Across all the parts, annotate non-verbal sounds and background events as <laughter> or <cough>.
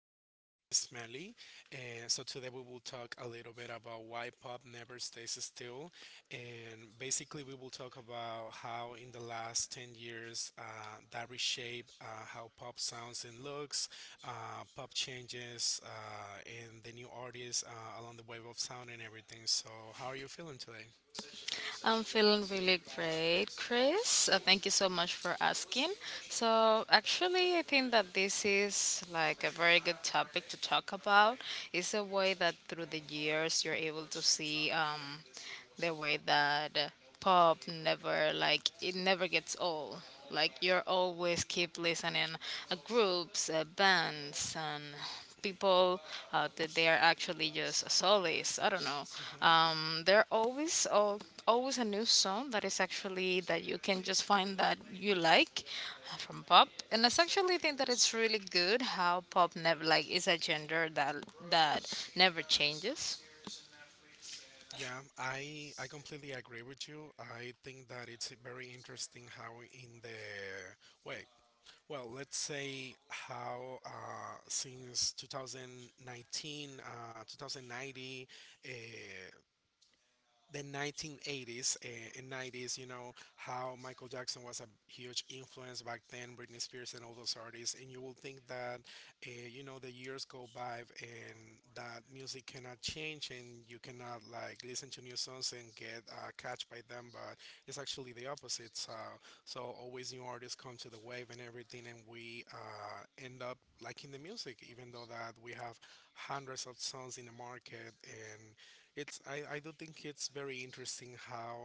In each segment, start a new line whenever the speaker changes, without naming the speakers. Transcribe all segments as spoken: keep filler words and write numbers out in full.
here with Chris Melly. And so today we will talk a little bit about why pop never stays still. And basically, we will talk about how in the last 10 years uh, that reshape uh, how pop sounds and looks, uh, pop changes, uh, and the new artists uh, along the wave of sound and everything. So, how are you feeling today?
I'm feeling really great, Chris. Uh, thank you so much for asking. So, actually, I think that this is like a very good topic to talk about. It's a way that through the years you're able to see um, the way that pop never like it never gets old like you're always keep listening uh, groups uh, bands and people uh, that they are actually just solace I don't know.
Hmm.
Um, there are always al- always a new song that is actually that you can just find that you like uh, from pop. And I actually think that it's really good how pop never like is a gender that that never changes.
Yeah, I I completely agree with you. I think that it's very interesting how in the wait, well, let's say how uh, since twenty nineteen, uh, two thousand ninety, uh, the nineteen eighties uh, and nineties, you know, how Michael Jackson was a huge influence back then, Britney Spears and all those artists. And you will think that, uh, you know, the years go by and that music cannot change and you cannot like listen to new songs and get uh, catch by them. But it's actually the opposite. So, so always new artists come to the wave and everything. And we uh, end up liking the music, even though that we have hundreds of songs in the market, and it's I, I do think it's very interesting how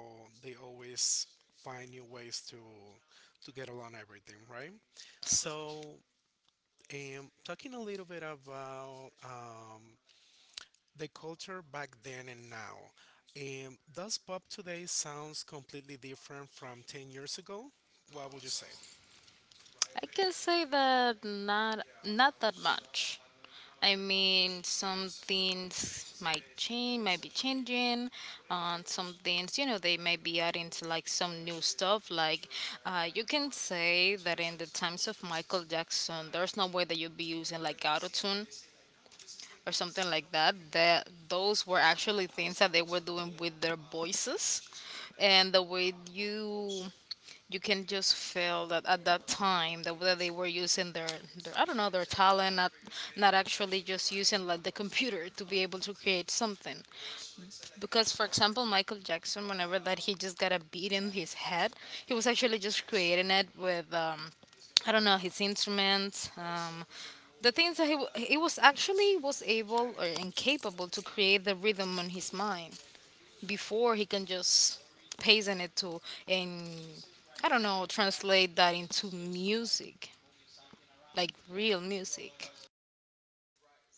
they always find new ways to to get along everything, right? So, um, talking a little bit about um, the culture back then and now, um, does pop today sounds completely different from ten years ago? What would you say?
I can say that not not that much. I mean, some things might change, might be changing. On some things, you know, they may be adding to like some new stuff. Like, uh, you can say that in the times of Michael Jackson, there's no way that you'd be using like auto tune or something like that, that those were actually things that they were doing with their voices, and the way you you can just feel that at that time the way that they were using their, their I don't know, their talent, not not actually just using like the computer to be able to create something. Because for example, Michael Jackson, whenever that he just got a beat in his head, he was actually just creating it with um, I don't know, his instruments, um, the things that he, wa- he was actually was able or incapable to create the rhythm on his mind before he can just paste in it to and I don't know translate that into music, like real music.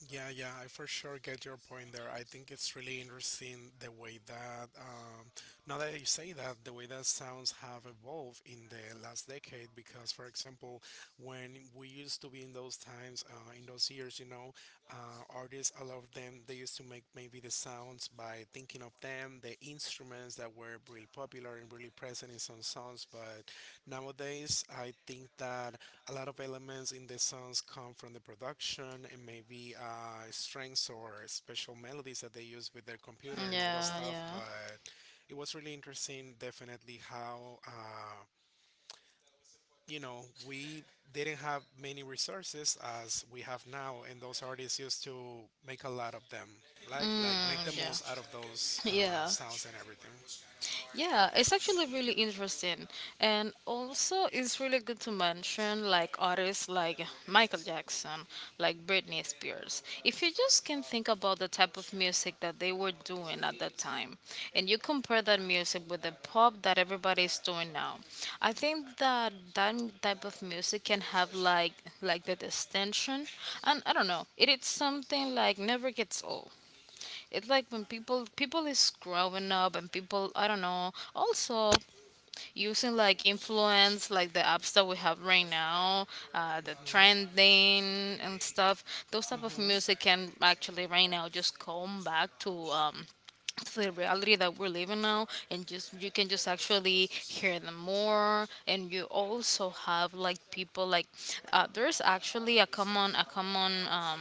Yeah, yeah, I for sure get your point there. I think it's really interesting the way that, um, now that you say that, the way that sounds have evolved in the last decade. Because, for example, when we used to be in those times, uh, in those years, you know, uh, artists, a lot of them, they used to make maybe the sounds by thinking of them, the instruments that were really popular and really present in some songs. But nowadays, I think that a lot of elements in the songs come from the production and maybe uh, strings or special melodies that they use with their computer and all that
Yeah,
stuff.
yeah.
But it was really interesting, definitely, how. Uh, you know, we didn't have many resources as we have now, and those artists used to make a lot of them, like like make the
Mm,
most out
yeah,
of those uh,
yeah.
sounds and everything.
Yeah, it's actually really interesting. And also, it's really good to mention like artists like Michael Jackson, like Britney Spears. If you just can think about the type of music that they were doing at that time, and you compare that music with the pop that everybody's doing now, I think that that type of music can have like like the distinction. And I don't know, it is something like never gets old. It's like when people people is growing up and people I don't know also using like influence like the apps that we have right now, uh, the trending and stuff. Those
Hmm.
type of
Hmm.
music can actually right now just come back to um, to the reality that we're living now and just you can just actually hear them more. And you also have like people like uh, there's actually a common a common um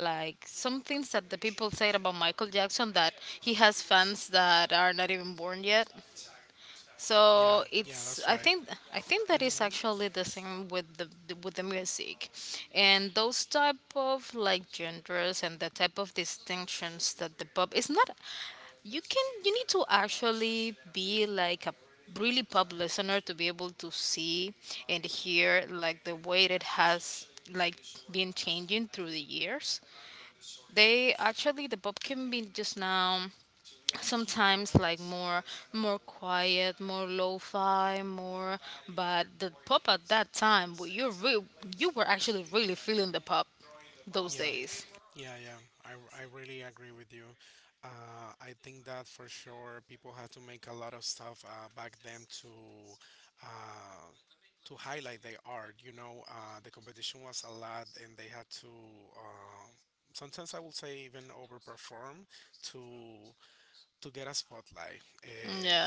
like some things that the people said about Michael Jackson that he has fans that are not even born yet.
Yeah,
So
yeah,
it's
that's
I
right.
think I think that is
Hmm.
actually the same with the with the music, and those type of like genders and the type of distinctions that the pop is not. You can you need to actually be like a really pop listener to be able to see and hear like the way that it has like been changing through the years. They actually the pop can be just now sometimes like more more quiet, more lo-fi, more but the pop at that time, well, you re- you were actually really feeling the pop those
Yeah,
days.
yeah, yeah. I, I really agree with you. Uh, I think that for sure people had to make a lot of stuff uh, back then to uh, to highlight their art. You know, uh, the competition was a lot, and they had to uh, sometimes I would say even overperform to to get a spotlight. Uh,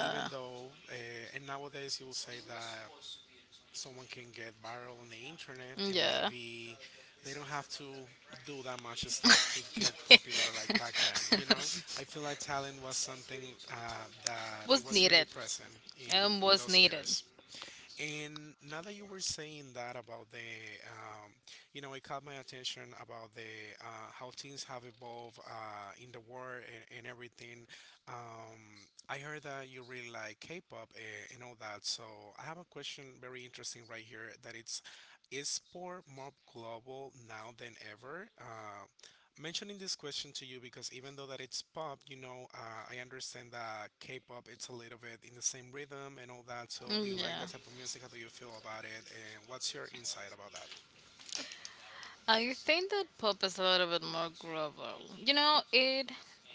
even though, uh, and nowadays you will say that someone can get viral on the internet, and
Yeah.
maybe they don't have to do that much stuff to get popular like
<laughs>
back then, you know. I feel like talent was something uh, that it
Was
was really
needed.
present
Um,
in in
was
those
needed.
years. And now that you were saying that about the, um, you know, it caught my attention about the uh, how things have evolved uh, in the world and, and everything. Um, I heard that you really like K-pop and, and all that. So I have a question very interesting right here that it's is sport more global now than ever? Uh, mentioning this question to you because even though that it's pop, you know, uh, I understand that K-pop it's a little bit in the same rhythm and all that. So, do you like
Yeah.
that type of music? How do you feel about it? And what's your insight about that?
I think that pop is a little bit more global. You know, it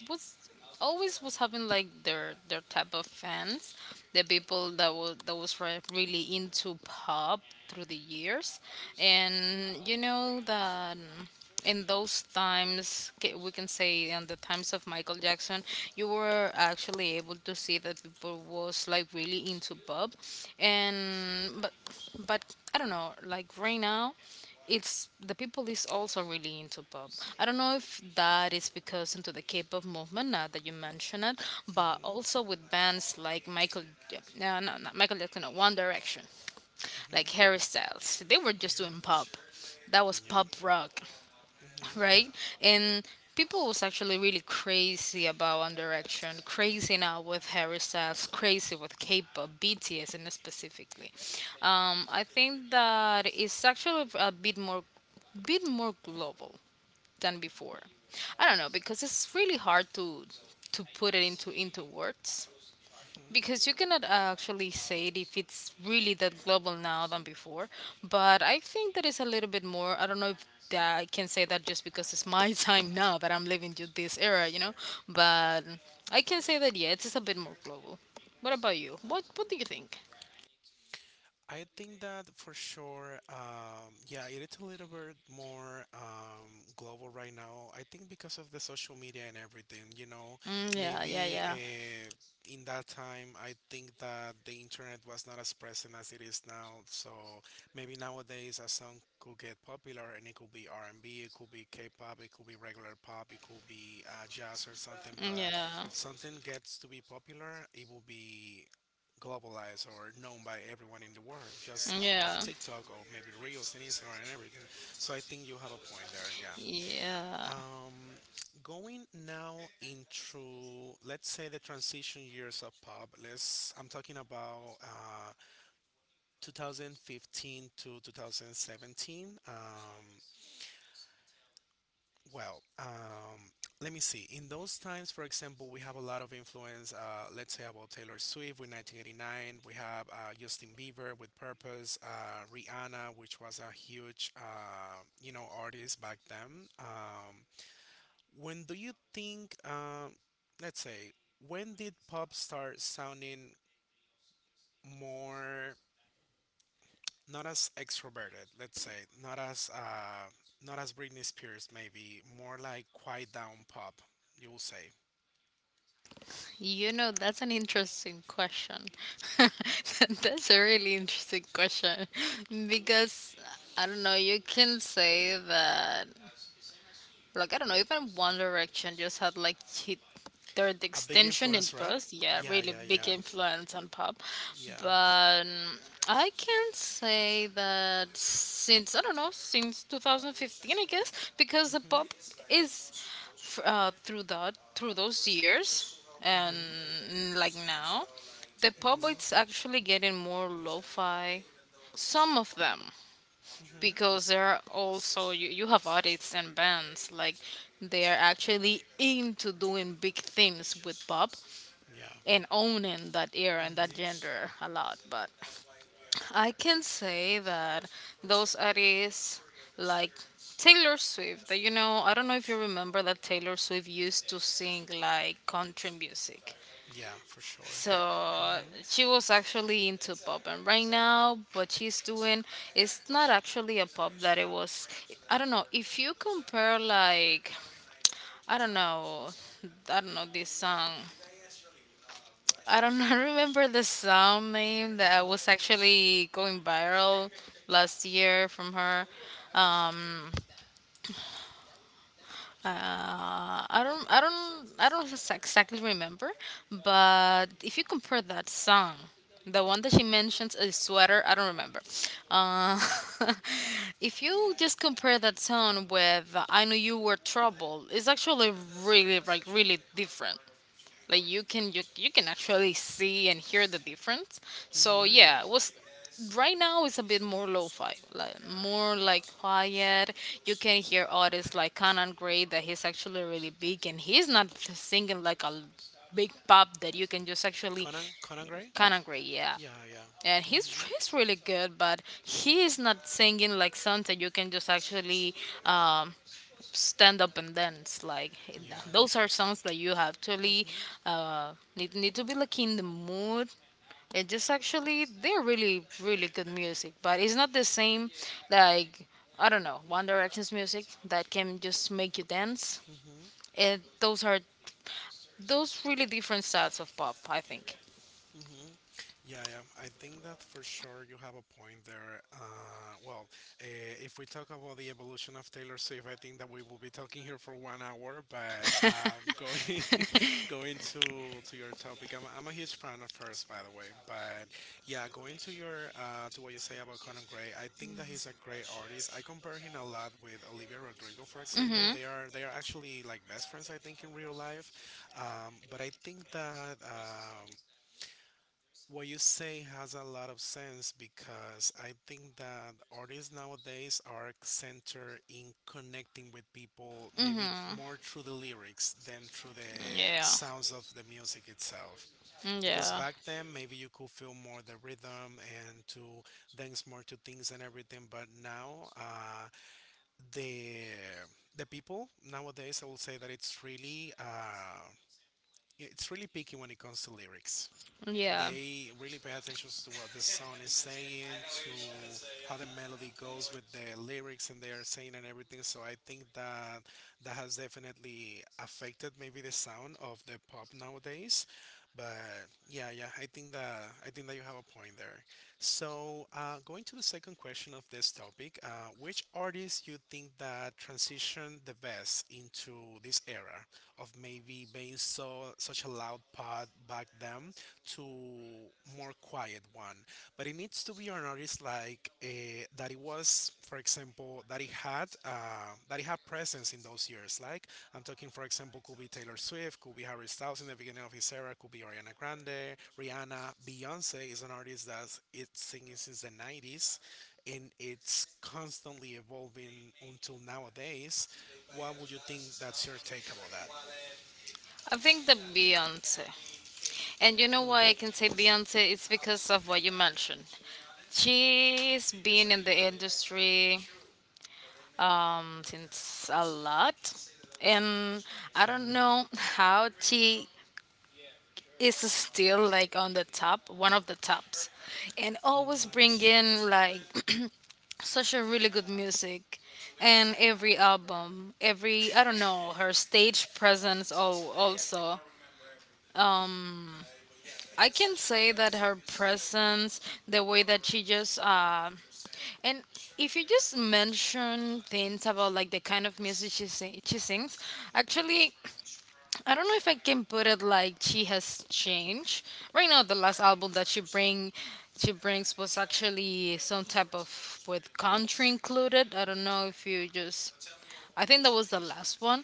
was always was having like their their type of fans, the people that was that was re- really into pop through the years. And you know that in those times ca- we can say in the times of Michael Jackson you were actually able to see that people was like really into pop and but but I don't know like right now it's the people is also really into pop. I don't know if that is because into the K-pop movement now that you mention it, but
Mhm.
also with bands like michael Ja- no no not Michael Jackson, no, One Direction, like
Mhm.
Harry Styles, they were just
Mhm.
doing pop that was
Yeah.
pop rock,
Mhm.
right? And people was actually really crazy about One Direction, crazy now with Harry Styles, crazy with K-pop, B T S, and specifically. Um, I think that it's actually a bit more, bit more global than before. I don't know because it's really hard to to put it into into words,
Mhm.
because you cannot actually say it if it's really that global now than before. But I think that is a little bit more. I don't know if that I can say that just because it's my <laughs> time now that I'm living through this era, you know, but I can say that yeah it's just a bit more global. What about you? What what do you think?
I think that for sure, um, yeah, it is a little bit more um, global right now. I think because of the social media and everything, you know,
Mm, yeah, yeah,
maybe
yeah.
uh, in that time, I think that the internet was not as present as it is now. So maybe nowadays a song could get popular and it could be R and B, it could be K-pop, it could be regular pop, it could be uh, jazz or something.
Mm,
But
yeah,
if something gets to be popular, it will be globalized or known by everyone in the world, just
yeah,
off TikTok or maybe Reels and Instagram and everything. So I think you have a point there. Yeah.
yeah.
Um, going now into, let's say, the transition years of pop. Let's. I'm talking about uh, two thousand fifteen to twenty seventeen. Um, Well, um, let me see. In those times, for example, we have a lot of influence. Uh, let's say about Taylor Swift with nineteen eighty-nine. We have uh, Justin Bieber with Purpose. Uh, Rihanna, which was a huge, uh, you know, artist back then. Um, when do you think? Um, let's say, when did pop start sounding more, not as extroverted? Let's say not as uh, not as Britney Spears, maybe more like quiet down pop. You will say.
You know, that's an interesting question. <laughs> That's a really interesting question <laughs> because I don't know, you can say that like I don't know, even One Direction just had like hit their
A big
extension in
influence, right?
buzz. Yeah,
Yeah,
really
yeah,
big
yeah.
influence on pop.
Yeah.
But mm, I can say that since I don't know, since twenty fifteen, I guess, because the
Mm-hmm.
pop is f- uh, through that through those years and
Mm-hmm.
mm, like now, the pop it's actually
Mm-hmm.
getting more lo-fi. Some of them
Mm-hmm.
because there are also you, you have artists and bands like they are actually into doing big things with pop
Yeah.
and owning that era and that
Mm-hmm.
genre a lot. But I can say that those artists like Taylor Swift, that you know, I don't know if you remember that Taylor Swift used to sing like country music.
Yeah, for sure.
So
Mm-hmm.
she was actually into pop, and right now, what she's doing is not actually a pop that it was. I don't know if you compare like, I don't know, I don't know this song. I don't <laughs> remember the song name that was actually going viral last year from her. Um, Uh, I don't, I don't, I don't ex- exactly remember, but if you compare that song, the one that she mentions is sweater. I don't remember. Uh, <laughs> if you just compare that song with "I Knew You Were Trouble," it's actually really, like, really different. Like you can you, you can actually see and hear the difference.
So.
So
Mm-hmm.
yeah, it was right now it's a bit more lo-fi, like more like quiet. You can hear artists like Conan Gray, that he's actually really big, and he's not singing like a big pop that you can just actually.
Conan Conan Gray?
Conan Gray, yeah.
Yeah. Yeah,
And
yeah.
he's
Mm-hmm.
he's really good, but he is not singing like songs that you can just actually um, stand up and dance like.
Yeah.
Those are songs that you actually
Mm-hmm.
uh need, need to be like in the mood, and just actually they're really really good music, but it's not the same like I don't know, One Direction's music that can just make you dance.
Mm-hmm.
And those are those really different sides of pop, I think.
Hmm. Yeah, yeah. I think that for sure you have a point there. Uh, well, uh, if we talk about the evolution of Taylor Swift, I think that we will be talking here for one hour. But um, <laughs> going going to to your topic, I'm, i I'm a huge fan of hers, by the way. But yeah, going to your uh, to what you say about Conan Gray, I think that he's a great artist. I compare him a lot with Olivia Rodrigo, for example.
Mm-hmm.
They are they are actually like best friends, I think, in real life. Um, but I think that. Um, what you say has a lot of sense because I think that artists nowadays are centered in connecting with people, maybe
Mm-hmm.
more through the lyrics than through the
Yeah.
sounds of the music itself. Because
Yeah.
back then, maybe you could feel more the rhythm and to dance more to things and everything, but now, uh, the the people nowadays, I will say that it's really uh, it's really picky when it comes to lyrics.
Yeah.
They really pay attention to what the song is saying, to how the melody goes with the lyrics and they are saying and everything. So I think that that has definitely affected maybe the sound of the pop nowadays. But yeah, yeah, I think that I think that you have a point there. So, uh, going to the second question of this topic, uh, which artists you think that transition the best into this era of maybe being so such a loud pod back then to more quiet one? But it needs to be an artist like uh, that. It was, for example, that had uh, that it had presence in those years. Like I'm talking, for example, could be Taylor Swift, could be Harry Styles in the beginning of his era, could be Ariana Grande, Rihanna, Beyonce is an artist that it's singing since the nineties, and it's constantly evolving until nowadays. What would you think? That's your take about that?
I think the Beyonce, and you know why I can say Beyonce, it's because of what you mentioned. She's been in the industry um, since a lot, and I don't know how she is still like on the top, one of the tops, and always
Hmm.
bringing like <clears throat> such a really good music. And every album, every I don't know her stage presence, oh, also um, I can say that her presence, the way that she just, uh, and if you just mention things about like the kind of music she sing, she sings, actually, I don't know if I can put it like she has changed. Right now, the last album that she bring, she brings was actually some type of with country included. I don't know if you just, I think that was the last one,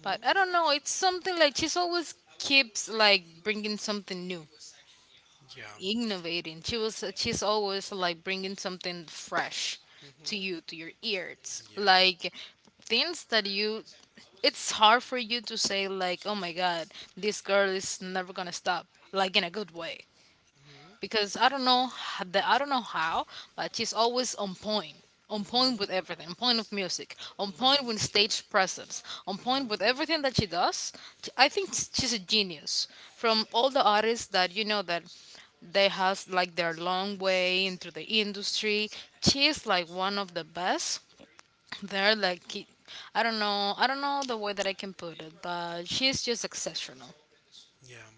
but I don't know. It's something like she's always keeps like bringing something new,
Yeah.
innovating. She was she's always like bringing something fresh to
Hmm.
you to your ears,
Yeah.
like things that you. It's hard for you to say like, oh my god, this girl is never gonna stop, like in a good way, because I don't know h- the I don't know how, but she's always on point, on point with everything, on point with music, on point with stage presence, on point with everything that she does. Sh- I think s- she's a genius. From all the artists that you know that they has like their long way into the industry, she's like one of the best. They're like. ki- I don't know. I don't know the way that I can put it, but she's just exceptional.
Yeah,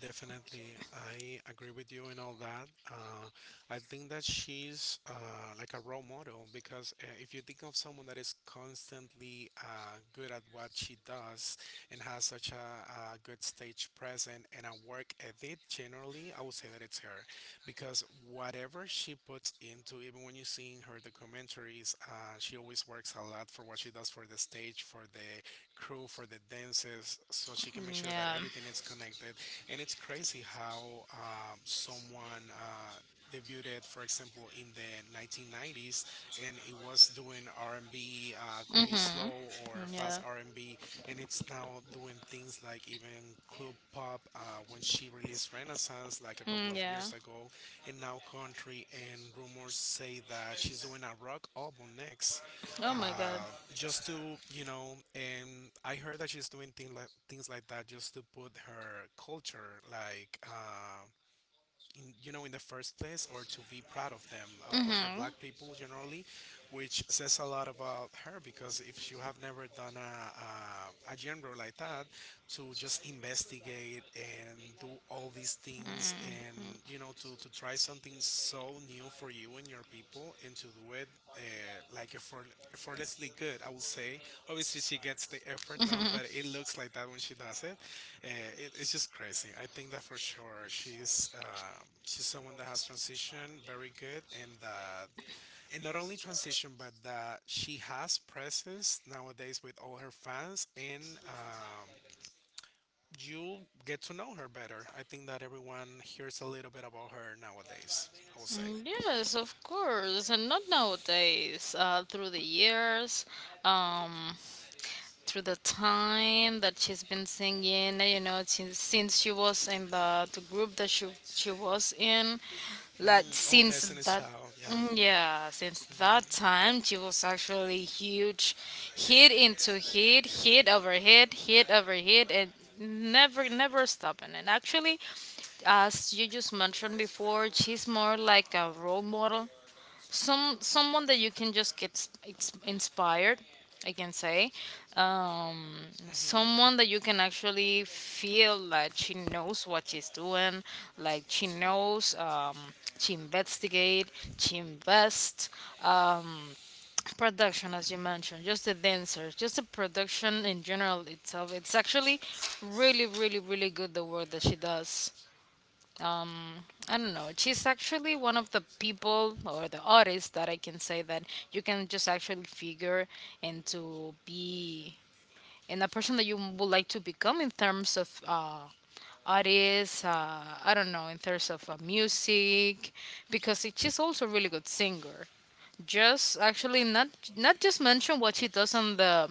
definitely. I agree with you and all that. Uh, I think that she's uh, like a role model because uh, if you think of someone that is constantly uh, good at what she does and has such a, a good stage presence and a work ethic, generally, I would say that it's her, because whatever she puts into, even when you see in her documentaries, uh, she always works a lot for what she does, for the stage, for the crew, for the dances, so she can make sure that
Yeah.
everything is connected. And it's crazy how um, someone uh, debuted, it, for example, in the nineteen nineties, and it was doing R and B, uh, could be
Mhm.
slow or fast
Yeah.
R and B, and B, and it's now doing things like even club pop. Uh, when she released its renaissance like a couple
Mm,
of
yeah.
years ago, and now country, and rumors say that she's doing a rock album next.
Oh my God.
Uh, just to, you know, and I heard that she's doing things like things like that just to put her culture like, uh, in, you know, in the first place, or to be proud of them, uh, of the
Mhm.
black people generally, which says a lot about her, because if you have never done a, a, a genre like that, to just investigate and do all these things, and you know, to, to try something so new for you and your people, and to do it uh, like effort, effortlessly good, I would say. Obviously she gets the effort done, but it looks like that when she does it, uh, it, it's just crazy. I think that for sure she's uh, she's someone that has transitioned very good, and that and not only transition, but that she has presence nowadays with all her fans, and um, you get to know her better. I think that everyone hears a little bit about her nowadays, I would say.
Mm, yes, of course, and not nowadays. Uh, through the years, um, through the time that she's been singing, you know, since, since she was in the, the group that she she was in, like
Mm, oh,
since
Destiny's
that,
Child. Yeah.
mm, yeah, since that
hmm
time, she was actually huge, hit into hit, hit over hit, hit over hit, and never never stopping. And actually, as you just mentioned before, she's more like a role model, some someone that you can just get s- ins- inspired, I can say, um, someone
hmm
that you can actually feel like she knows what she's doing, like she knows, um, she investigate she invests, um, production, as you mentioned, just the dancers, just the production in general itself. It's actually really really really good, the work that she does. um I don't know, she's actually one of the people or the artists that I can say that you can just actually figure and to be, and a person that you would like to become in terms of uh artists, uh I don't know, in terms of uh, music, because it- she's also a really good singer, just actually not, not just mention what she does on the,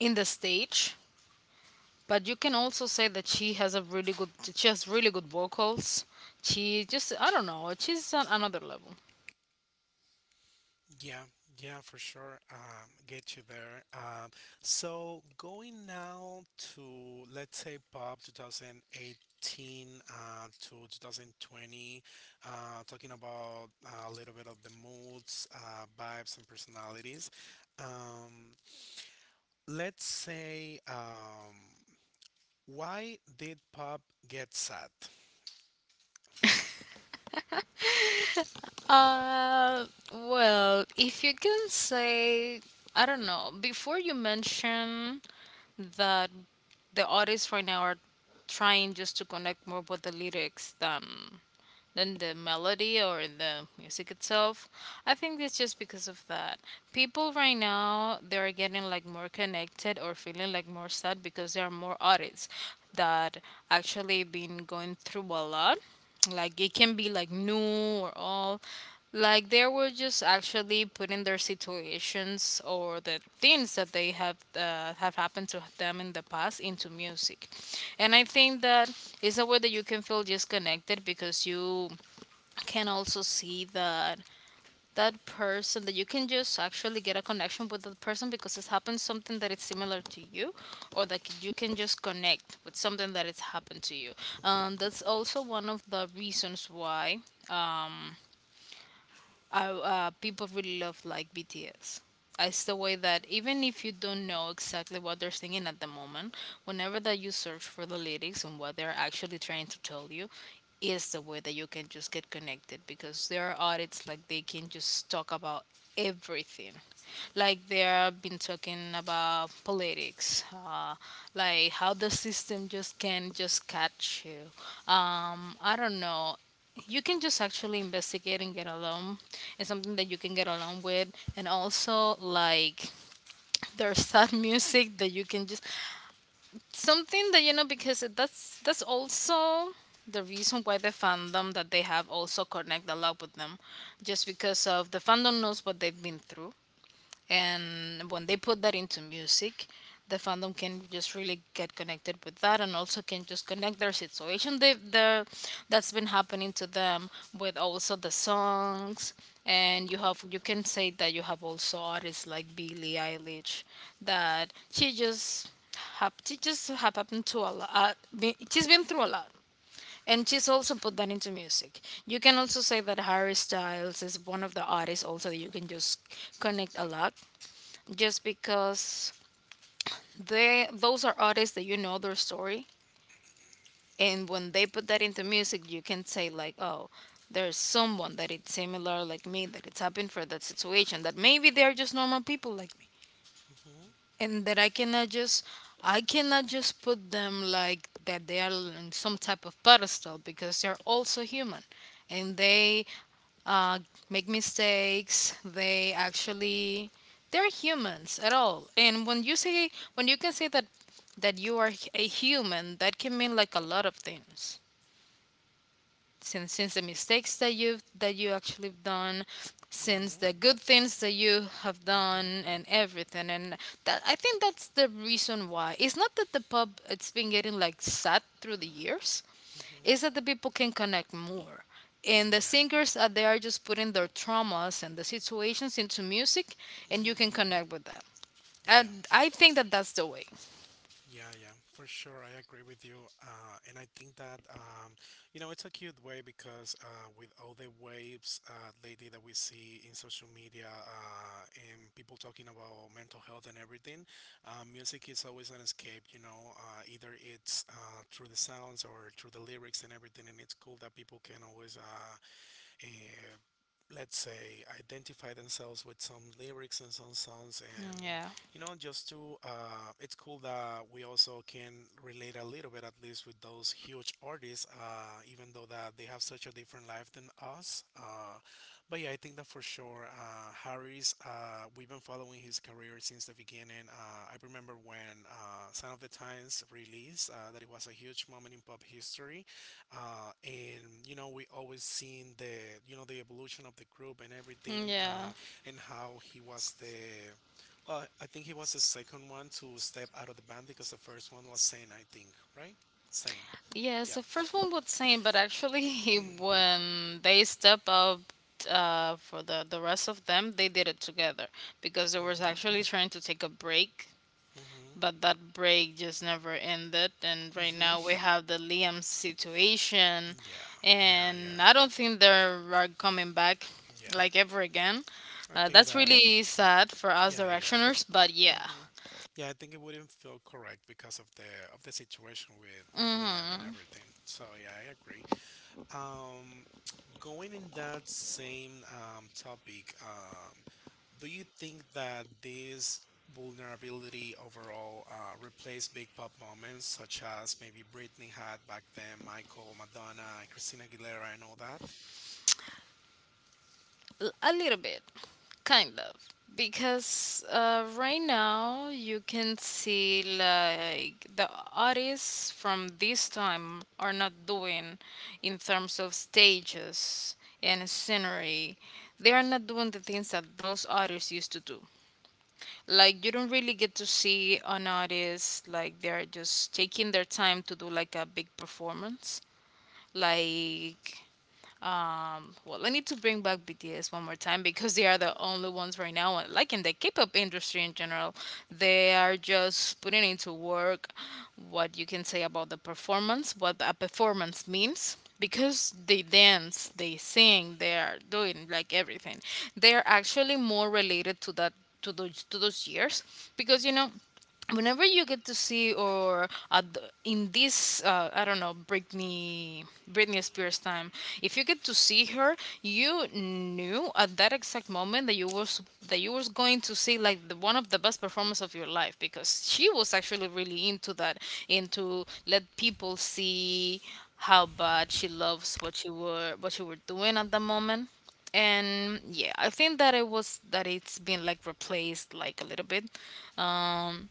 in the stage. But you can also say that she has a really good, she has really good vocals. She just, I don't know, she's on another level.
Yeah, yeah, for sure. Um, get you there. Um, so going now to, let's say, Bob twenty eighteen uh, to twenty twenty, uh, talking about uh, a little bit of the moods, uh, vibes, and personalities. Um, let's say. Um, Why did pop get sad?
Uh, well, if you can say, I don't know, before you mention, that the artists right now are trying just to connect more with the lyrics than than the melody or the music itself. I think it's just because of that. People right now, they are getting like more connected or feeling like more sad, because there are more artists that actually been going through a lot. Like it can be like new or all, like they were just actually putting their situations or the things that they have uh, have happened to them in the past into music. And I think that it's a way that you can feel disconnected, because you can also see that that person, that you can just actually get a connection with that person because it's happened something that is similar to you, or that you can just connect with something that has happened to you. Um, that's also one of the reasons why, um, I, uh, people really love like B T S. It's the way that even if you don't know exactly what they're singing at the moment, whenever that you search for the lyrics and what they're actually trying to tell you, is the way that you can just get connected, because there are artists, like they can just talk about everything. Like they have been talking about politics, uh, like how the system just can just catch you. um, I don't know, you can just actually investigate and get along. It's something that you can get along with. And also like, <laughs> there's sad music that you can just, something that you know, because that's that's also the reason why the fandom that they have also connect a lot with them, just because of the fandom knows what they've been through. And when they put that into music, the fandom can just really get connected with that, and also can just connect their situation, they, the that's been happening to them, with also the songs. And you have, you can say that you have also artists like Billie Eilish, that she just have she just have happened to a lot, she's been through a lot, and she's also put that into music. You can also say that Harry Styles is one of the artists also that you can just connect a lot, just because they, those are artists that you know their story. And when they put that into music, you can say like, oh, there's someone that it's similar like me, that it's happened for that situation, that maybe they're just normal people like me,
hmm
and that i cannot just I cannot just put them like that they are on some type of pedestal because they're also human, and they, uh, make mistakes. They actually, they're humans at all. And when you say when you can say that that you are a human, that can mean like a lot of things, since since the mistakes that you've that you actually have done,
hmm
since
hmm
the good things that you have
hmm
done and everything. And that, I think that's the reason why it's not that the pub, it's been getting like sad through the years, is that the people can connect more. And the
Yeah.
singers, are they are just putting their traumas and the situations into music, and you can
hmm
connect with that.
Yeah.
And I think that that's the way.
Yeah, yeah, for sure, I agree with you. Uh, and I think that, um, you know, it's a cute way because uh, with all the waves uh, lately that we see in social media uh, and people talking about mental health and everything, uh, music is always an escape, you know, uh, either it's uh, through the sounds or through the lyrics and everything. And it's cool that people can always uh, uh, let's say, identify themselves with some lyrics and some songs, and
Yeah.
you know, just to uh, it's cool that we also can relate a little bit, at least, with those huge artists, uh, even though that they have such a different life than us. Uh, but yeah, I think that for sure, uh, Harry's. Uh, we've been following his career since the beginning. Uh, I remember when uh, "Sign of the Times" released, uh, that it was a huge moment in pop history, uh, and you know, we always seen the, you know, the evolution of the group and everything,
Yeah.
uh, and how he was the, well, I think he was the second one to step out of the band, because the first one was Sane, I think, right? Sane.
Yes, the
Yep.
first one would same, but actually, <laughs> when they step up, uh, for the the rest of them, they did it together, because they was
hmm
actually trying to take a break, but
hmm
that break just never ended. And right
hmm
now we have the Liam situation,
yeah. yeah yeah
and I don't think they're coming back,
yeah.
like ever again.
I
Uh,
think
that's
that
really sad for us
Yeah,
directioners, but
yeah.
yeah.
hmm Yeah, I think it wouldn't feel correct because of the of the situation with with Liam and
Mm-hmm.
everything. So yeah, I agree. Um, Going in that same um, topic, um, do you think that this vulnerability overall uh, replaced big pop moments such as maybe Britney had back then, Michael, Madonna, Christina Aguilera, and all that?
L- A little bit, kind of. Because uh, right now you can see like the artists from this time are not doing, in terms of stages and scenery. They are not doing the things that those artists used to do. Like you don't really get to see an artist, like they're just taking their time to do like a big performance. Like, um, well, I need to bring back B T S one more time, because they are the only ones right now, like in the K-pop industry in general, they are just putting into work what you can say about the performance, what a performance means, because they dance, they sing, they are doing like everything. They are actually more related to that, to those, to those years, because you know, whenever you get to see or at the- in this, uh, I don't know, britney Britney Spears time, if you get to see her, you knew at that exact moment that you was, that you was going to see like the, one of the best performance of your life, because she was actually really into that, into let people see how bad she loves what she were, what she were doing at the moment. And yeah, I think that it was, that it's been like replaced like a little bit. Um,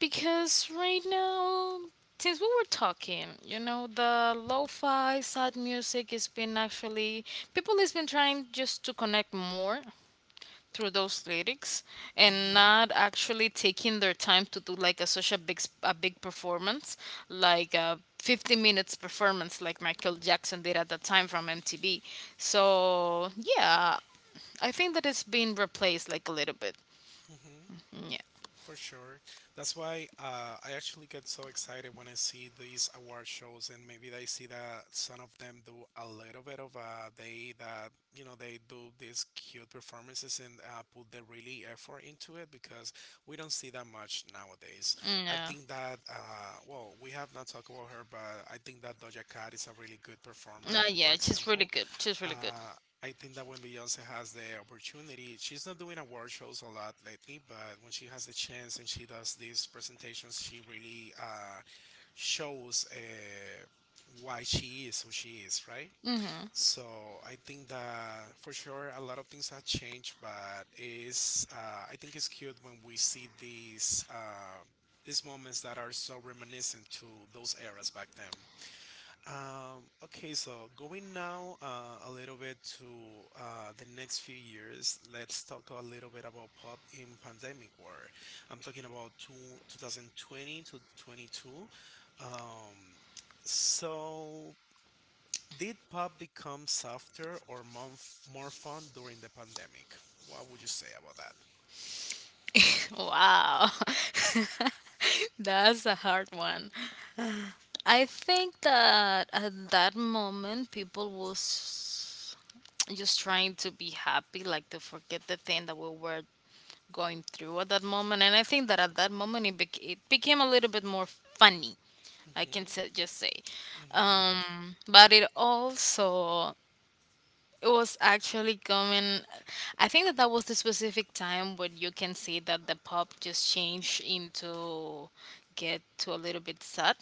because right now, since we were talking, you know, the lo-fi sad music has been actually, people has been trying just to connect more through those lyrics, and
hmm
not actually taking their time to do like a such a big s- a big performance, like a fifty minutes performance like Michael Jackson did at the time from M T V. So, yeah, I think that it's been replaced like a little bit.
hmm
Yeah.
For sure. That's why uh, I actually get so excited when I see these award shows, and maybe I see that some of them do a little bit of uh, they that you know, they do these cute performances and uh, put the really effort into it, because we don't see that much nowadays. I
No.
think that uh, well, we have not talked about her, but I think that Doja Cat is a really good
No,
performer, for
yeah, she's really
example.
good. She's really good.
Uh, I think that when Beyonce has the opportunity, she's not doing award shows a lot lately, but when she has the chance and she does these presentations, she really uh, shows uh, why she is who she is, right?
Mm-hmm.
So I think that for sure a lot of things have changed, but it's uh, I think it's cute when we see these uh, these moments that are so reminiscent to those eras back then. Um, okay, so going now uh, a little bit to uh, the next few years. Let's talk a little bit about pop in pandemic war. I'm talking about two, twenty twenty to twenty two. Um, so did pop become softer or more, more fun during the pandemic? What would you say about that?
Wow. <laughs> That's a hard one. I think that at that moment people was just trying to be happy, like to forget the thing that we were going through at that moment. And I think that at that moment it, bec- it became a little bit more funny. I can
Mm-hmm,
sa- just say,
mm-hmm,
um, but it also, it was actually coming. I think that that was the specific time when you can see that the pop just changed into, get to a little bit sad,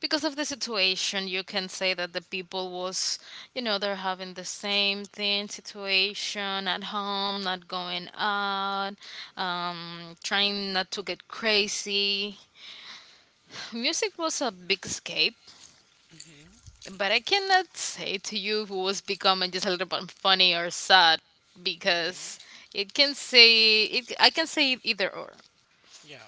because of the situation. You can say that the people was, you know, they're having the same thing situation at home, not going out, um, trying not to get crazy. Music was a big escape,
mm-hmm,
but I cannot say to you who was becoming just a little bit funny or sad,
mm-hmm.
because it can say it I can say either or.
Yeah.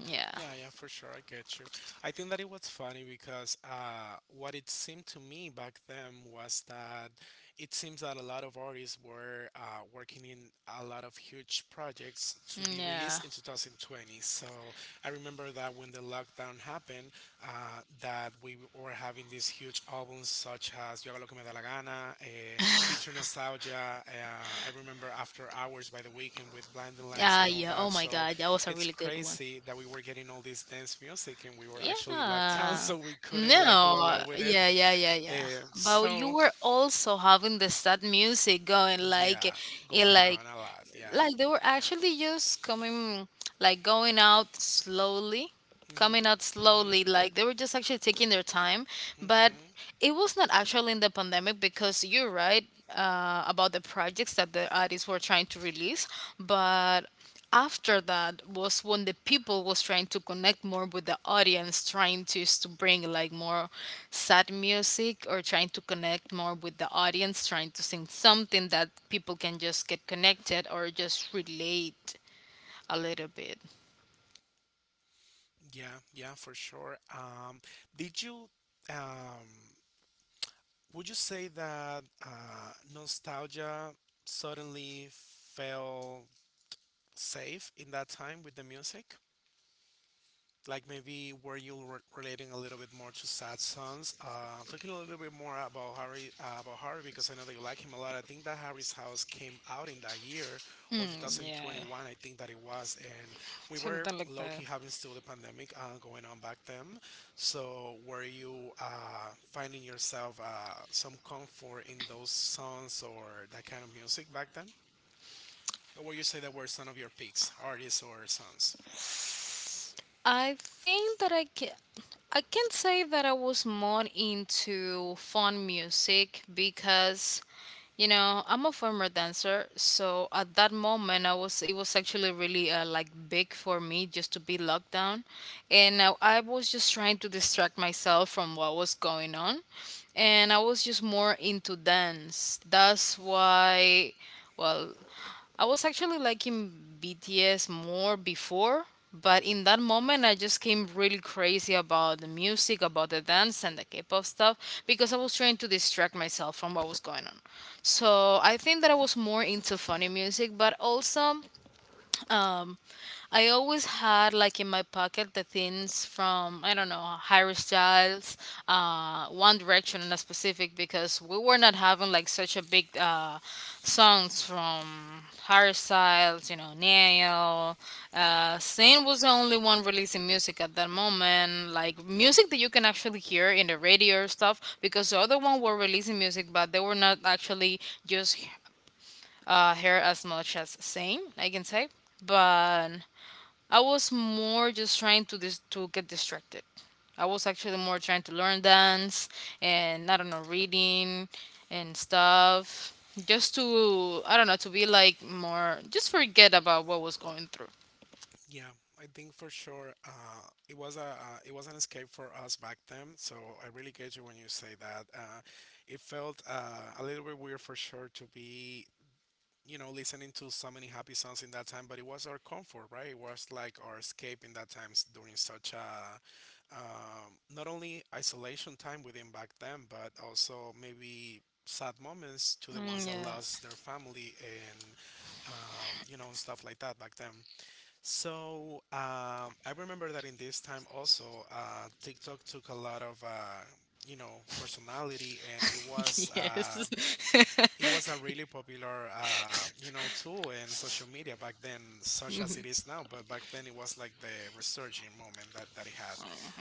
Yeah.
Yeah, yeah, for sure. I get you. I think that it was funny because uh, what it seemed to me back then was that it seems that a lot of artists were uh, working in a lot of huge projects to be
Yeah.
released in two thousand twenty. So I remember that when the lockdown happened, uh, that we were having these huge albums such as Yo Hago Lo Que Me Da La Gana, eh, Future Nostalgia. Uh, I remember After Hours by The Weekend with Blinding Lights
Ah,
and all
yeah. Oh
that.
my
So
God, that was a
it's
really good one.
crazy that we were getting all this dance music and we were actually locked <laughs> down,
Yeah.
so we couldn't like do a
No.
lot with it.
Yeah, yeah, yeah, yeah.
Um,
But you
so
were also having the sad music going like,
yeah,
it
going
like
on a lot. Yeah.
like they were actually just coming, like going out slowly, coming
Mhm.
out
Mhm.
slowly, like they were just actually taking their time, but
Mhm.
it was not actually in the pandemic, because you're right, uh, about the projects that the artists were trying to release. But after that was when the people was trying to connect more with the audience, trying to, is to bring like more sad music, or trying to connect more with the audience, trying to sing something that people can just get connected or just relate a little bit.
Yeah. Yeah. For sure. Um, did you? Um, would you say that uh, nostalgia suddenly felt safe in that time with the music? Like maybe were you re- relating a little bit more to sad songs, uh talking a little bit more about Harry, uh, about Harry, because I know that you like him a lot. I think that Harry's House came out in that year or
Mm, yeah,
two thousand twenty-one, I think that it was, and we were
something like that.
low-key having still the pandemic uh, going on back then. So were you uh finding yourself uh some comfort in those songs or that kind of music back then, or would you say that were some of your peaks artists or songs?
I think that I can, I can say that I was more into fun music, because you know, I'm a former dancer, so at that moment I was it was actually really uh, like big for me just to be locked down, and I, I was just trying to distract myself from what was going on, and I was just more into dance. That's why, well, I was actually liking B T S more before, but in that moment, I just came really crazy about the music, about the dance, and the K pop stuff because I was trying to distract myself from what was going on. So I think that I was more into funny music, but also um I always had like in my pocket the things from, I don't know, Harry Styles, uh One Direction in a specific, because we were not having like such a big uh songs from Harry Styles, you know, neil uh Zayn was the only one releasing music at that moment, like music that you can actually hear in the radio or stuff, because the other one were releasing music but they were not actually just uh, her as much as same, I can say. But I was more just trying to dis- to get distracted. I was actually more trying to learn dance and, I don't know, reading and stuff, just to, I don't know, to be like more just forget about what was going through.
Yeah, I think for sure uh, it was a uh, it was an escape for us back then. So I really get you when you say that. Uh, it felt uh, a little bit weird for sure to be, you know, listening to so many happy songs in that time, but it was our comfort, right? It was like our escape in that times during such a um, not only isolation time within back then, but also maybe sad moments to the ones
Mm,
that
yeah.
lost their family and um, you know, and stuff like that back then. So um, I remember that in this time also, uh, TikTok took a lot of uh, you know, personality, and it was
<laughs>
uh,
Yes. <laughs>
it was a really popular uh, you know, tool in social media back then, such as it is now. But back then, it was like the resurging moment that that it had.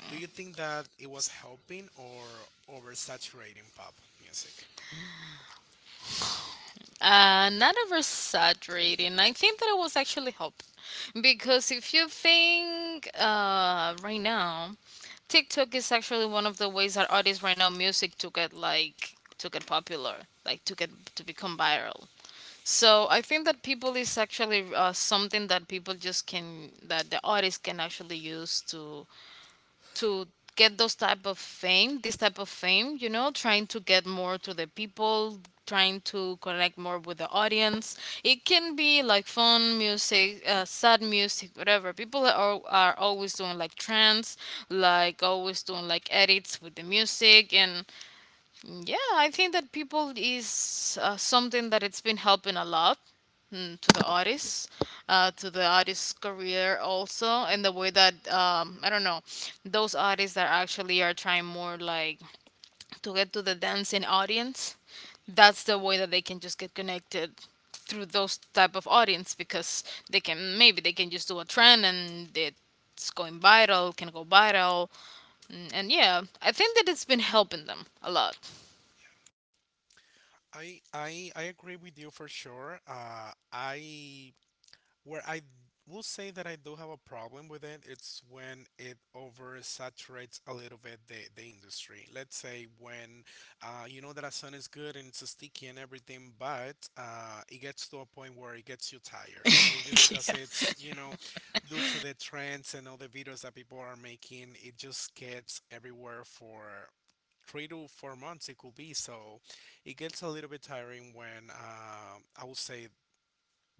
Do you think that it was helping or oversaturating pop music?
Uh, not oversaturating. I think that it was actually help, because if you think uh right now, TikTok is actually one of the ways that artists right now music to get like to get popular, like to get to become viral. So I think that people is actually uh, something that people just can, that the artists can actually use to to get those type of fame, this type of fame, you know, trying to get more to the people, trying to connect more with the audience. It can be like fun music, uh, sad music, whatever. People are, are always doing like trends, like always doing like edits with the music. And yeah, I think that people is uh, something that it's been helping a lot, mm, to the artists, uh, to the artist's career also, and the way that um, I don't know, those artists that actually are trying more like to get to the dancing audience, that's the way that they can just get connected through those type of audience, because they can, maybe they can just do a trend and it's going viral, can go viral, and, and yeah, I think that it's been helping them a lot.
I I I agree with you for sure. Uh, I Where I will say that I do have a problem with it, it's when it oversaturates a little bit the, the industry. Let's say, when uh, you know that a sun is good and it's sticky and everything, but uh, it gets to a point where it gets you tired. Maybe
<laughs>
because
Yeah.
it's, you know, due to the trends and all the videos that people are making, it just gets everywhere for three to four months, it could be, so it gets a little bit tiring, when uh, I would say,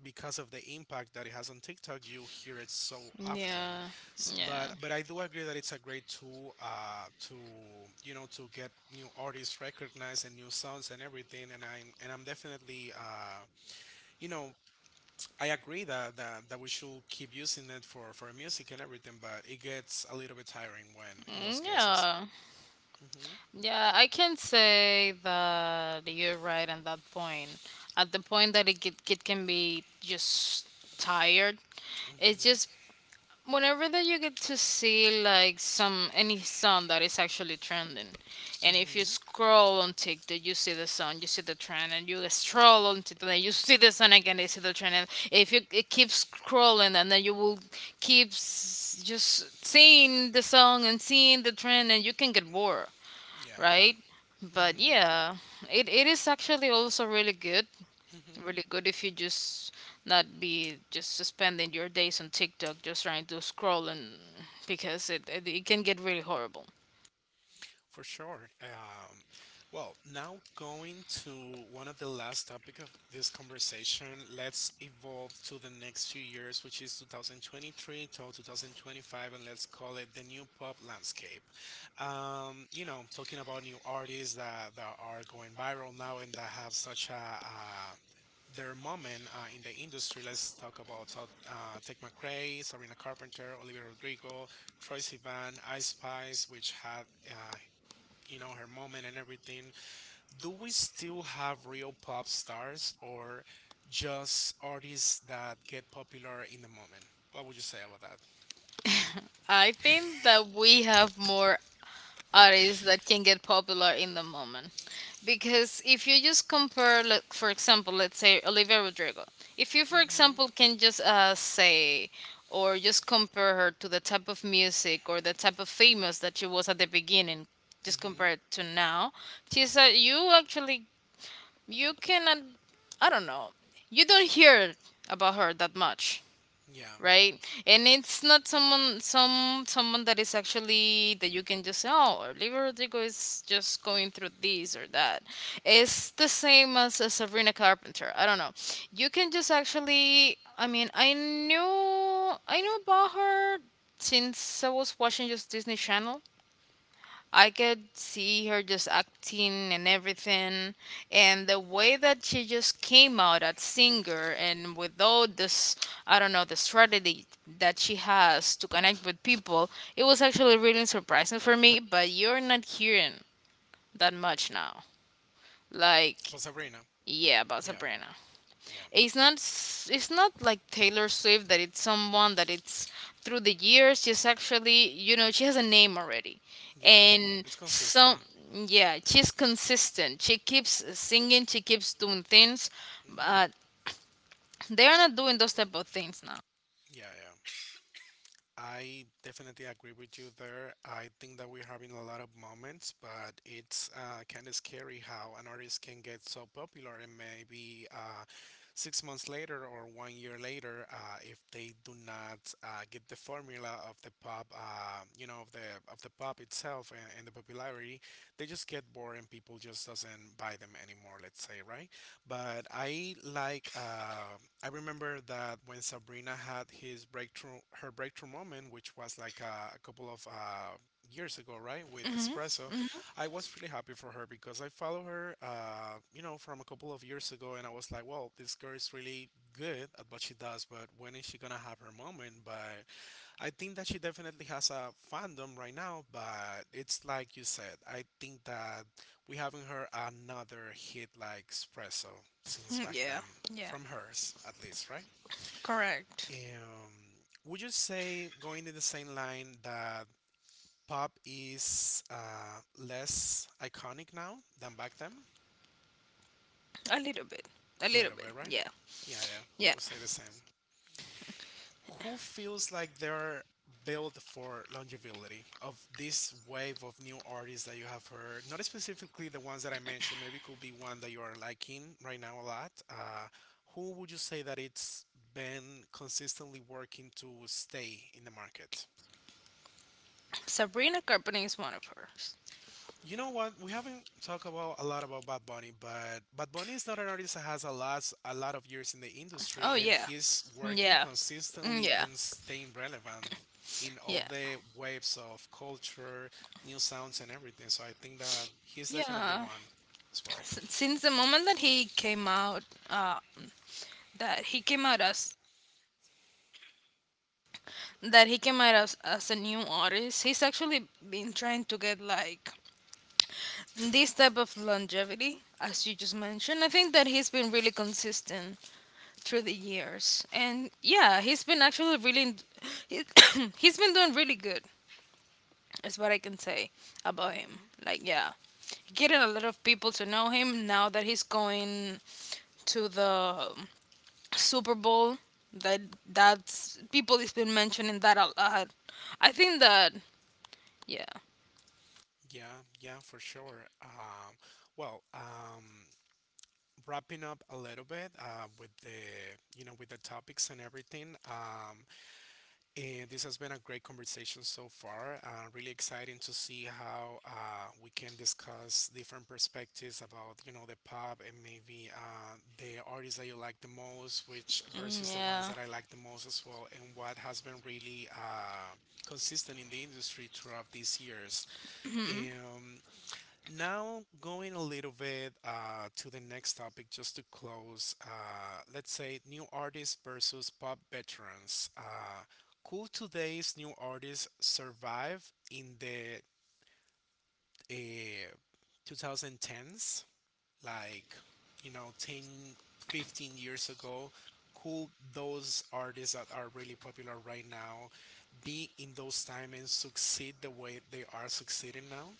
because of the impact that it has on TikTok, you hear it so often.
Yeah.
S-
Yeah.
But but I do agree that it's a great tool uh, to, you know, to get new artists recognized and new sounds and everything. And I'm and I'm definitely uh, you know, I agree that, that that we should keep using it for for music and everything. But it gets a little bit tiring when, in those
Mm,
cases.
yeah,
Mhm.
yeah, I can say that you're right on that point. At the point that it get, it can be just tired, it's
Mhm.
just whenever that you get to see like some any song that is actually trending, and if you
Mhm.
scroll on TikTok, you see the song, you see the trend, and you scroll on TikTok and you see the song again, you see the trend, and if you it keeps scrolling, and then you will keep s- just seeing the song and seeing the trend, and you can get bored,
Yeah,
right?
yeah.
But yeah, it, it is actually also really good,
hmm hmm
really good if you just not be just spending your days on TikTok just trying to scroll and, because it it, it can get really horrible.
For sure. Um, well, now going to one of the last topic of this conversation, let's evolve to the next few years, which is two thousand twenty-three till two thousand twenty-five, and let's call it the new pop landscape. Um, you know, talking about new artists that, that are going viral now and that have such a, uh their moment uh, in the industry. Let's talk about Todd, uh, Tech McRae, Sabrina Carpenter, Olivia Rodrigo, Troye Sivan, Ice Spice, which had uh, you know, her moment and everything. Do we still have real pop stars or just artists that get popular in the moment? What would you say about that?
I think that we have more artists that can get popular in the moment, because if you just compare, like for example let's say Olivia Rodrigo, if you for
Mhm.
example can just uh, say or just compare her to the type of music or the type of famous that she was at the beginning just
Mhm.
compared to now, she's uh, you actually, you cannot, I don't know, you don't hear about her that much,
Yeah.
right? And it's not someone, some someone that is actually that you can just say, oh, Olivia Rodrigo is just going through this or that. It's the same as uh, Sabrina Carpenter. I don't know, you can just actually, I mean, I knew I knew about her since I was watching just Disney Channel. I could see her just acting and everything, and the way that she just came out as singer and with all this, I don't know, the strategy that she has to connect with people, it was actually really surprising for me. But you're not hearing that much now, like
Well, Sabrina.
yeah, about
Yeah.
Sabrina.
Yeah.
It's not s- it's not like Taylor Swift, that it's someone that it's through the years she's actually, you know, she has a name already.
Yeah.
And
It's
so
consistent.
yeah, she's consistent, she keeps singing, she keeps doing things,
Mhm.
but they are not doing those type of things now.
Yeah. Yeah. I definitely agree with you there. I think that we're having a lot of moments, but it's uh, kind of scary how an artist can get so popular and maybe uh, six months later or one year later, uh, if they do not uh, get the formula of the pop, uh, you know, of the of the pop itself and, and the popularity, they just get bored and people just doesn't buy them anymore. Let's say, right? But I like uh, I remember that when Sabrina had his breakthrough her breakthrough moment, which was like uh, a couple of uh, years ago, right, with
Hmm.
Espresso,
Hmm.
I was really happy for her because I follow her, uh, you know, from a couple of years ago, and I was like, well, this girl is really good at what she does, but when is she gonna have her moment? But I think that she definitely has a fandom right now, but it's like you said, I think that we haven't heard another hit like Espresso since back
Yeah,
then,
yeah,
from hers at least, right?
correct.
Um, would you say, going in the same line, that pop is uh, less iconic now than back then?
A little bit, a
A
little
little
bit.
bit, right?
Yeah,
Yeah, yeah, I
yeah.
would say the same. Who feels like they're built for longevity of this wave of new artists that you have heard? Not specifically the ones that I mentioned, maybe it could be one that you are liking right now a lot. Uh, who would you say that it's been consistently working to stay in the market?
Sabrina Carpenter is one of hers.
You know what? We haven't talked about a lot about Bad Bunny, but Bad Bunny is not an artist that has a lot a lot of years in the industry,
Oh
and
yeah,
he's working
yeah. Mm,
consistently
yeah.
in staying relevant in all
Yeah.
the waves of culture, new sounds, and everything. So I think that he's definitely
Yeah.
one as well.
S- Since the moment that he came out, uh, that he came out as, that he came out as, as a new artist, he's actually been trying to get like this type of longevity, as you just mentioned. I think that he's been really consistent through the years, and yeah, he's been actually really he, <coughs> he's been doing really good. Is what I can say about him.
Mhm.
Like, yeah, getting a lot of people to know him now that he's going to the Super Bowl. That, that's people has been mentioning that a lot. I think that, yeah.
Yeah, yeah, for sure. Um, well, um, wrapping up a little bit uh, with the you know with the topics and everything. Um, And this has been a great conversation so far. Uh, really exciting to see how uh, we can discuss different perspectives about, you know, the pop and maybe uh, the artists that you like the most, which
Mm,
versus the ones
yeah.
that I like the most as well, and what has been really uh, consistent in the industry throughout these years.
Mm,
And now, going a little bit uh, to the next topic, just to close, uh, let's say new artists versus pop veterans. Uh, could today's new artists survive in the uh, twenty tens? Like, you know, ten, fifteen years ago, could those artists that are really popular right now be in those time and succeed the way they are succeeding now?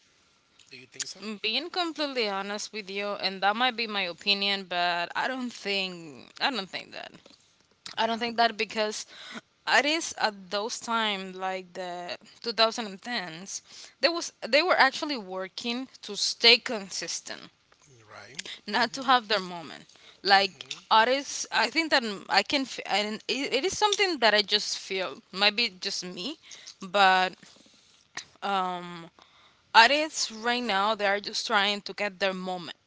Do you think so?
being completely honest with you, and that might be my opinion, but I don't think I don't think that. I don't
Yeah.
think that, because it is at those time like the twenty tens, they was they were actually working to stay consistent,
Right.
not to have their
Mm-hmm.
moment, like
Mm-hmm.
artists. I think that m- i can f- and it, it is something that I just feel, maybe just me. But um, artists right now, they are just trying to get their moment,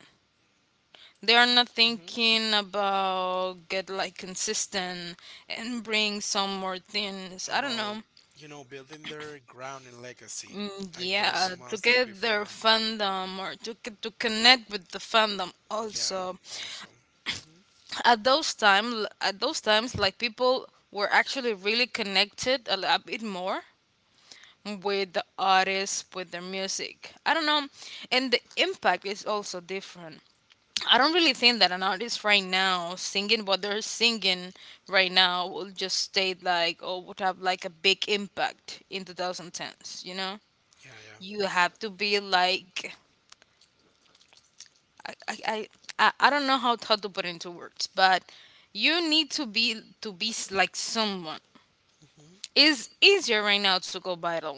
they are not thinking about get like
Mm-hmm.
consistent and bring some more things, I don't
About,
know.
you know, building their ground and legacy.
Mm,
I
yeah,
those
uh, to
ones did
get their
before.
fandom or to c- to connect with the fandom
Yeah,
also.
also. Mm-hmm.
At those time, at those times, like people were actually really connected a lot bit more with the artists, with their music. I don't know, and the impact is also different. I don't really think that an artist right now singing what they're singing right now will just stay like or would have like a big impact in twenty tens, you know?
Yeah,
You
yeah.
have to be like I, I, I, I I don't know how, how to put into words, but you need to be, to be s- like someone.
Mm-hmm.
It's easier right now to go viral,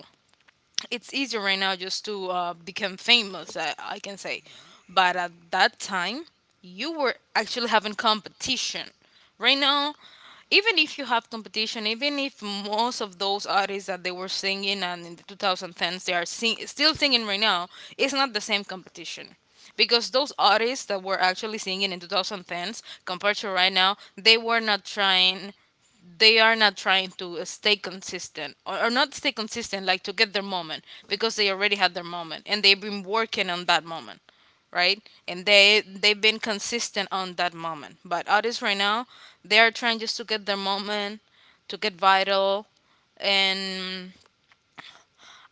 it's easier right now just to uh, become famous, I, I can say, but at that time you were actually having competition. Right now, even if you have competition, even if most of those artists that they were singing and in the twenty tens they are sing- still singing right now, it's not the same competition, because those artists that were actually singing in twenty tens compared to right now, they were not trying, they are not trying to stay consistent, or, or not stay consistent, like to get their moment, because they already had their moment, and they've been working on that moment, right? And they they've been consistent on that moment. But artists right now, they are trying just to get their moment, to get vital. And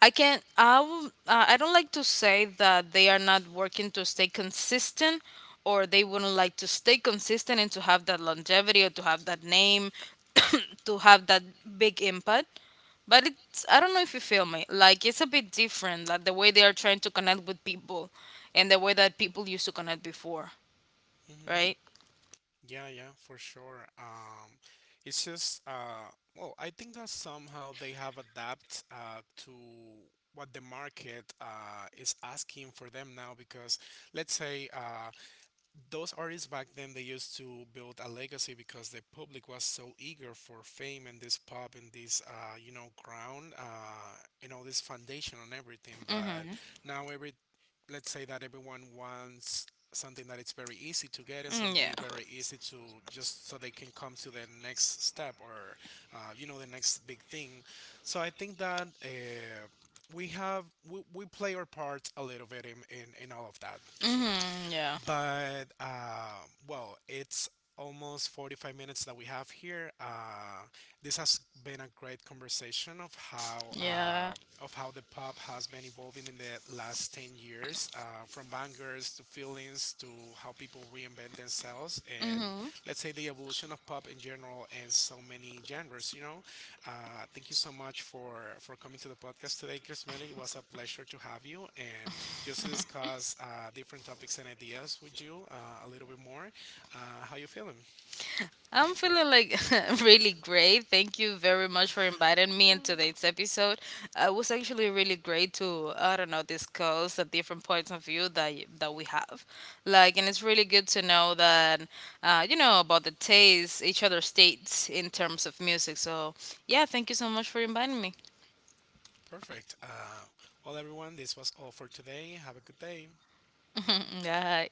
I can, I will, uh, I don't like to say that they are not working to stay consistent or they wouldn't like to stay consistent and to have that longevity, or to have that name, <coughs> to have that big impact. But it's, I don't know if you feel me, like it's a bit different, like the way they are trying to connect with people, and the way that people used to connect before,
Mm-hmm. Mm-hmm.
right?
Yeah, yeah, for sure. Um, it's just uh, well, I think that somehow they have adapted uh, to what the market uh, is asking for them now. Because let's say uh, those artists back then they used to build a legacy because the public was so eager for fame and this pop and this uh, you know ground uh, and all this foundation on everything, but
Mhm.
now every, let's say that everyone wants something that it's very easy to get and
Mm, yeah.
something very easy to, just so they can come to the next step or uh, you know the next big thing. So I think that uh, we have we, we play our parts a little bit in, in, in all of that too.
Mhm. Yeah.
But uh, well, it's almost forty-five minutes that we have here. Uh, this has been a great conversation of how
Yeah.
uh, of how the pop has been evolving in the last ten years, uh, from bangers to feelings, to how people reinvent themselves and,
Mm-hmm.
let's say, the evolution of pop in general and so many genres. You know, uh, thank you so much for for coming to the podcast today, Chris Melly. It was a pleasure to have you, and just to discuss uh, different topics and ideas with you uh, a little bit
<laughs>
more. Uh, how you feeling?
I'm feeling like <laughs> really great. Thank you very much for inviting me in today's episode. Uh, it was actually really great to, I don't know, discuss the different points of view that y- that we have. Like, and it's really good to know that uh, you know about the taste each other's states in terms of music. So yeah, thank you so much for inviting me.
Perfect. Uh, well, everyone, this was all for today. Have a good day.
Mm, yeah.